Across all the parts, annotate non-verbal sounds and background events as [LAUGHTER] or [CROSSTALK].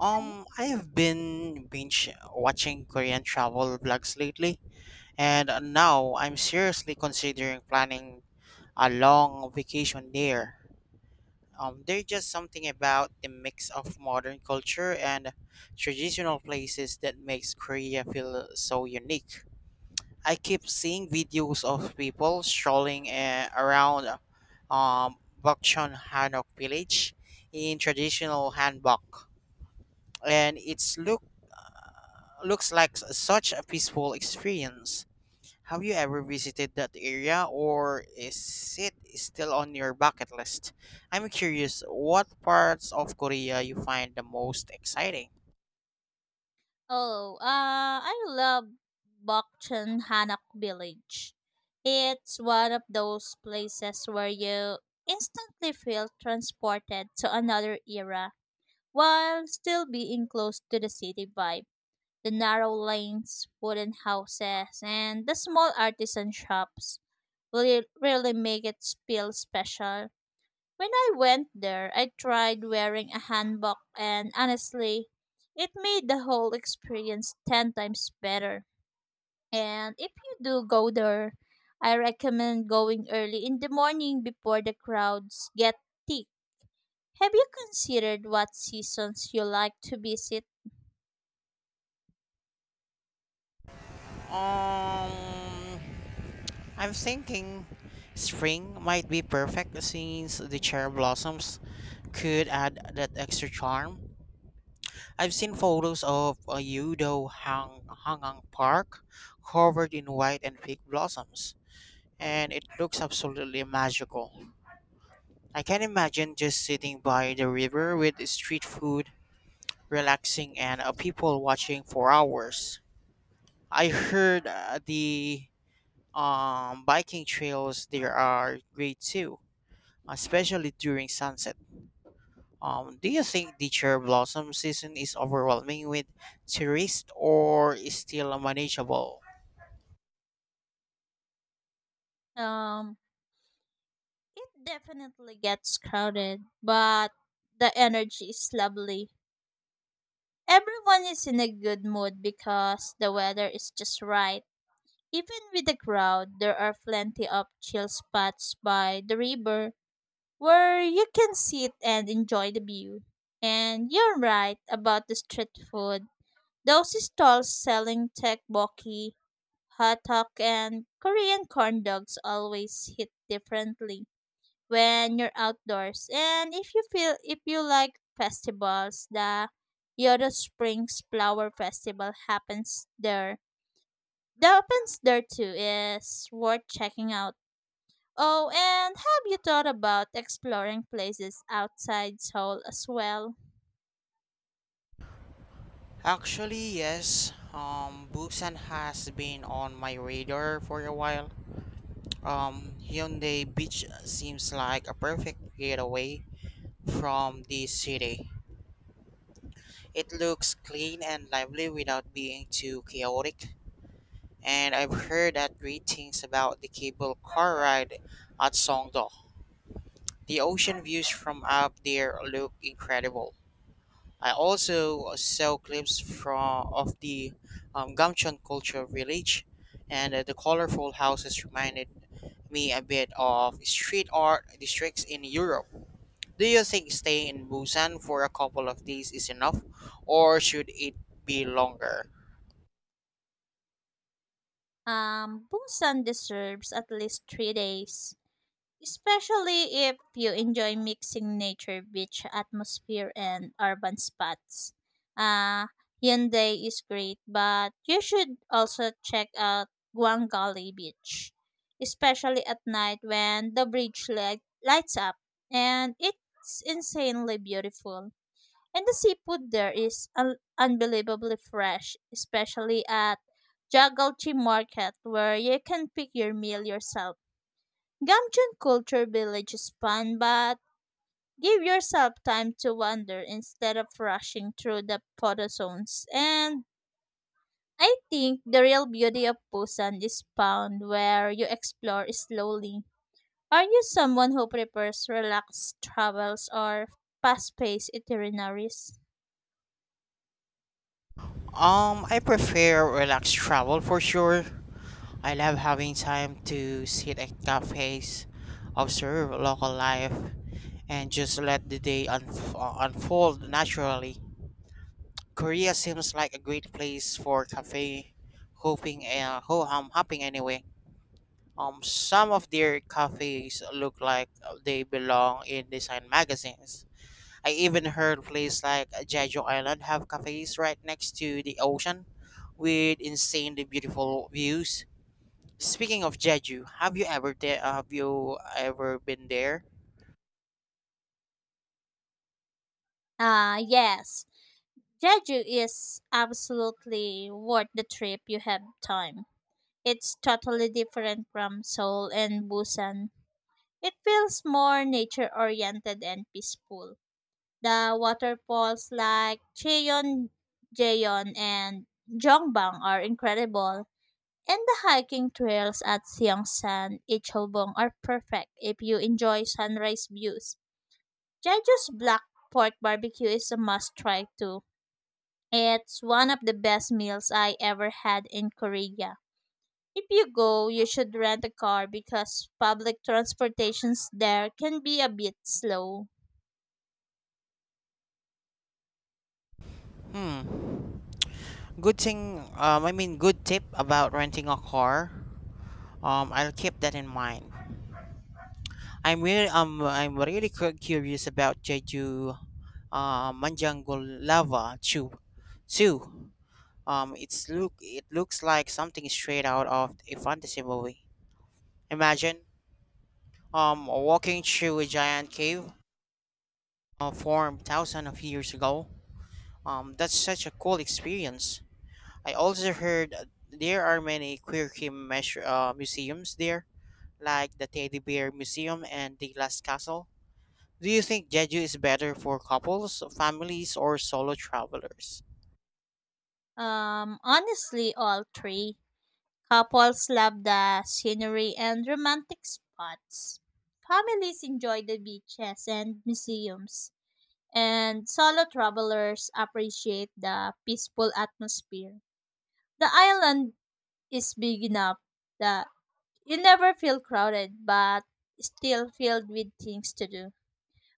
I've been binge watching Korean travel vlogs lately, and now I'm seriously considering planning a long vacation there. There's just something about the mix of modern culture and traditional places that makes Korea feel so unique. I keep seeing videos of people strolling around um, Bokchon Hanok village in traditional hanbok, and it's look looks like such a peaceful experience. Have you ever visited that area, or is it still on your bucket list? I'm curious what parts of Korea you find the most exciting. Oh, I love Bokchan Hanak Village. It's one of those places where you instantly feel transported to another era while still being close to the city vibe. The narrow lanes, wooden houses, and the small artisan shops will really make it feel special. When I went there, I tried wearing a hanbok, and honestly, it made the whole experience 10 times better. And if you do go there, I recommend going early in the morning before the crowds get thick. Have you considered what seasons you like to visit? Um I'm thinking spring might be perfect since the cherry blossoms could add that extra charm. I've seen photos of a Yudo Hang Hangang Park covered in white and pink blossoms, and it looks absolutely magical. I can imagine just sitting by the river with street food, relaxing, and people watching for hours. I heard the biking trails there are great too, especially during sunset. Do you think the cherry blossom season is overwhelming with tourists, or is still manageable? Um, it definitely gets crowded, but the energy is lovely. Everyone is in a good mood because the weather is just right. Even with the crowd, there are plenty of chill spots by the river where you can sit and enjoy the view. And you're right about the street food. Those stalls selling tteokbokki, hot dog, and Korean corn dogs always hit differently when you're outdoors. And if you like festivals, the Yodo Springs Flower Festival happens there the opens there too is worth checking out. Oh, and have you thought about exploring places outside Seoul as well? Actually, yes. Busan has been on my radar for a while. Hyundai Beach seems like a perfect getaway from the city. It looks clean and lively without being too chaotic. And I've heard that great things about the cable car ride at Songdo. The ocean views from up there look incredible. I also saw clips from of the Gamcheon culture village, and the colorful houses reminded me a bit of street art districts in Europe. Do you think staying in Busan for a couple of days is enough, or should it be longer? Busan deserves at least 3 days, especially if you enjoy mixing nature, beach atmosphere, and urban spots. Uh, Hyundai is great, but you should also check out Guangali Beach, especially at night when the lights up, and it's insanely beautiful. And the seafood there is unbelievably fresh, especially at Jagalchi Market, where you can pick your meal yourself. Gamchun culture village is fun, but give yourself time to wander instead of rushing through the photo zones. And I think the real beauty of Busan is found where you explore slowly. Are you someone who prefers relaxed travels or fast-paced itineraries? I prefer relaxed travel for sure. I love having time to sit at cafes, observe local life, and just let the day unfold naturally. Korea seems like a great place for cafe hoping ho hum hopping anyway. Some of their cafes look like they belong in design magazines. I even heard places like Jeju Island have cafes right next to the ocean with insanely beautiful views. Speaking of Jeju, have you ever been there? Ah, yes. Jeju is absolutely worth the trip you have time. It's totally different from Seoul and Busan. It feels more nature oriented and peaceful. The waterfalls like Cheon, Jeon, and Jongbang are incredible. And the hiking trails at Seongsan, Ichilbong are perfect if you enjoy sunrise views. Jeju's Black Pork Barbecue is a must try too. It's one of the best meals I ever had in Korea. If you go, you should rent a car because public transportations there can be a bit slow. Hmm. Good thing. Good tip about renting a car. I'll keep that in mind. I'm really I'm really curious about Jeju, Manjango Lava too. Um, it looks like something straight out of a fantasy movie. Imagine walking through a giant cave formed thousands of years ago. That's such a cool experience. I also heard there are many quirky museums there, like the Teddy Bear Museum and the Last Castle. Do you think Jeju is better for couples, families, or solo travelers? Honestly, all three. Couples love the scenery and romantic spots. Families enjoy the beaches and museums. And solo travelers appreciate the peaceful atmosphere. The island is big enough that you never feel crowded but still filled with things to do.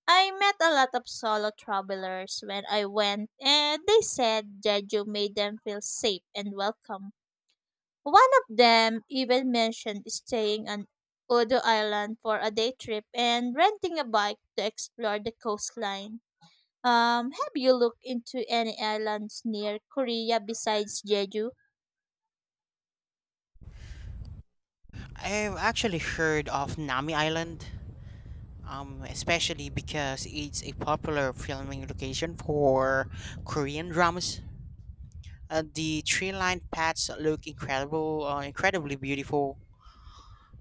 I met a lot of solo travelers when I went, and they said Jeju made them feel safe and welcome. One of them even mentioned staying on Odo Island for a day trip and renting a bike to explore the coastline. Have you looked into any islands near Korea besides Jeju? I've actually heard of Nami Island, especially because it's a popular filming location for Korean dramas. Uh, the tree-lined paths look incredibly beautiful,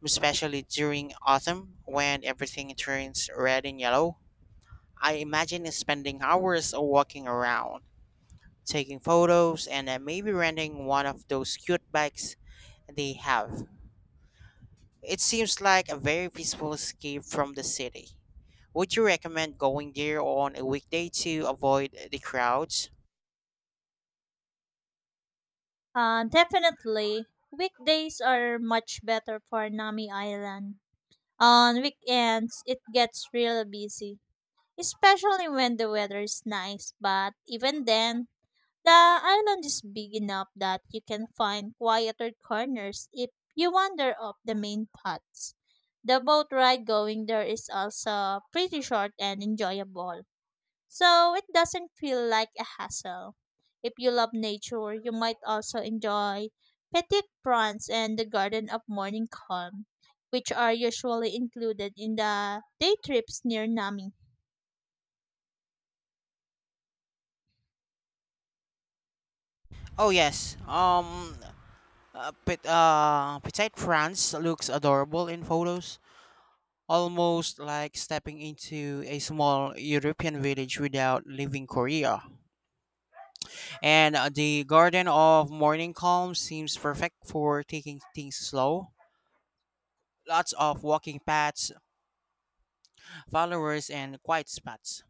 especially during autumn when everything turns red and yellow. I imagine spending hours walking around, taking photos, and maybe renting one of those cute bikes they have. It seems like a very peaceful escape from the city. Would you recommend going there on a weekday to avoid the crowds? Definitely. Weekdays are much better for Nami Island. On weekends, it gets really busy, especially when the weather is nice, but even then, the island is big enough that you can find quieter corners if you wander off the main paths. The boat ride going there is also pretty short and enjoyable, so it doesn't feel like a hassle. If you love nature, you might also enjoy petit prawns and the garden of morning calm, which are usually included in the day trips near Nami. Oh, yes. Petite France looks adorable in photos, almost like stepping into a small European village without leaving Korea. And the Garden of Morning Calm seems perfect for taking things slow. Lots of walking paths, followers, and quiet spots.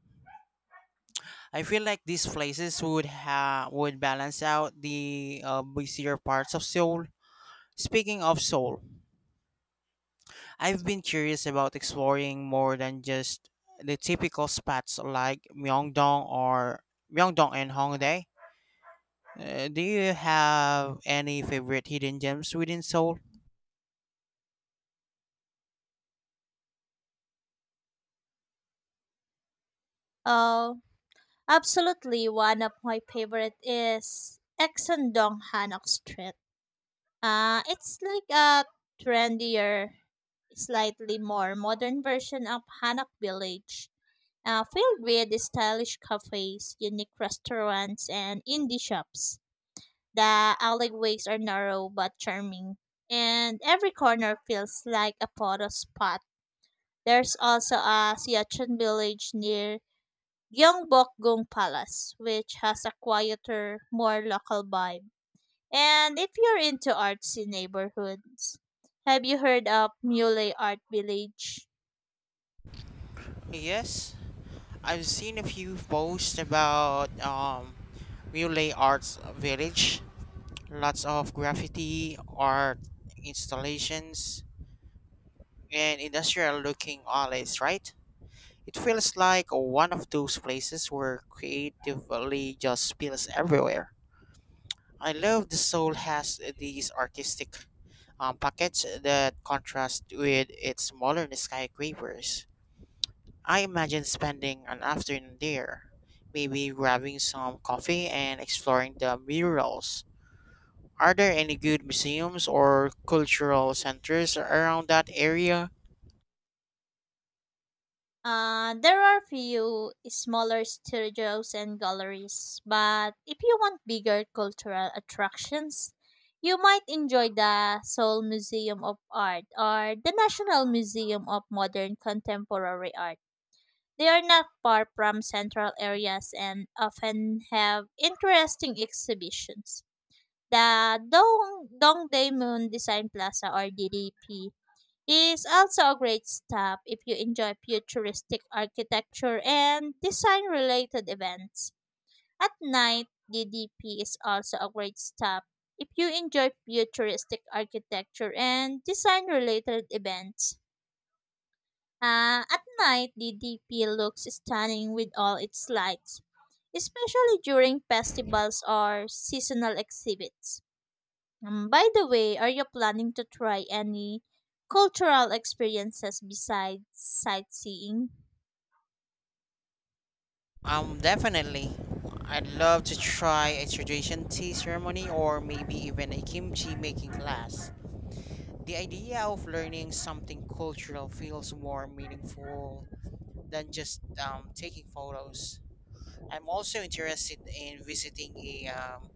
I feel like these places would would balance out the busier parts of Seoul. Speaking of Seoul, I've been curious about exploring more than just the typical spots like Myeongdong and Hongdae. Do you have any favorite hidden gems within Seoul? Oh, absolutely, one of my favorite is Exandong Hanok Street. It's like a trendier, slightly more modern version of Hanok Village, filled with stylish cafes, unique restaurants, and indie shops. The alleyways are narrow but charming, and every corner feels like a photo spot. There's also a Siachen village near Gyeongbokgung Palace, which has a quieter, more local vibe. And if you're into artsy neighborhoods, have you heard of Mule Art Village? Yes, I've seen a few posts about Mule Arts Village. Lots of graffiti art installations and industrial looking alleys, right? It feels like one of those places where creatively just spills everywhere. I love the soul has these artistic pockets that contrast with its modern skyscrapers. I imagine spending an afternoon there, maybe grabbing some coffee and exploring the murals. Are there any good museums or cultural centers around that area? There are few smaller studios and galleries, but if you want bigger cultural attractions, you might enjoy the Seoul Museum of Art or the National Museum of Modern Contemporary Art. They are not far from central areas and often have interesting exhibitions. The Dong Dongdae Moon Design Plaza, or DDP, is also a great stop if you enjoy futuristic architecture and design related events. At night, DDP is also a great stop if you enjoy futuristic architecture and design related events. At night, the DP looks stunning with all its lights, especially during festivals or seasonal exhibits. By the way, are you planning to try any cultural experiences besides sightseeing? Definitely. I'd love to try a tradition tea ceremony or maybe even a kimchi making class. The idea of learning something cultural feels more meaningful than just taking photos. I'm also interested in visiting a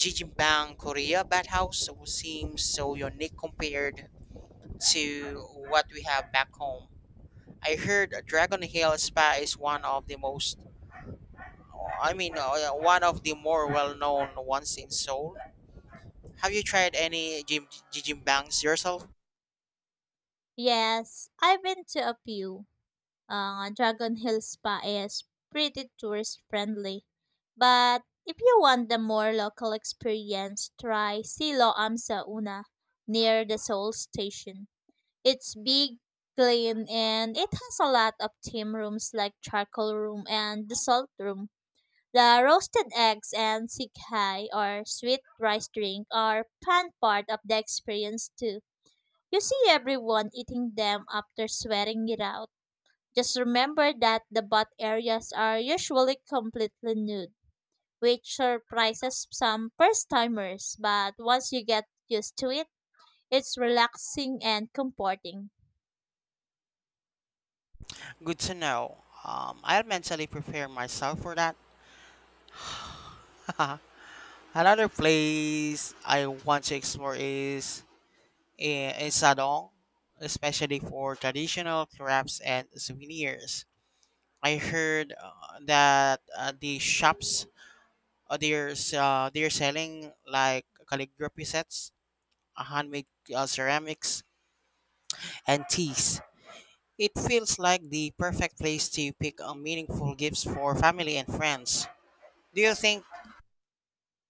Jijimbang Korea bathhouse, which seems so unique compared to what we have back home. I heard Dragon Hill Spa is one of the one of the more well-known ones in Seoul. Have you tried any gym bangs yourself? Yes, I've been to a few. Dragon Hill Spa is pretty tourist friendly. But if you want the more local experience, try Silo Am Sa Una near the Seoul station. It's big, clean, and it has a lot of theme rooms like charcoal room and the salt room. The roasted eggs and sikhai or sweet rice drink are fun part of the experience too. You see everyone eating them after sweating it out. Just remember that the butt areas are usually completely nude, which surprises some first timers, but once you get used to it, it's relaxing and comforting. Good to know. I'll mentally prepare myself for that. [LAUGHS] Another place I want to explore is in Sadong, especially for traditional crafts and souvenirs. I heard that the shops they're selling like calligraphy sets, handmade ceramics, and teas. It feels like the perfect place to pick up meaningful gifts for family and friends. Do you think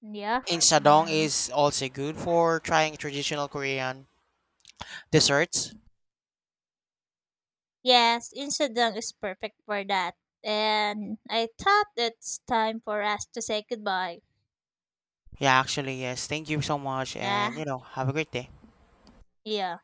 Yeah. Insadong Mm. is also good for trying traditional Korean desserts? Yes, Insadong is perfect for that. And I thought it's time for us to say goodbye. Yeah, actually, yes. Thank you so much, Yeah. and have a great day. Yeah.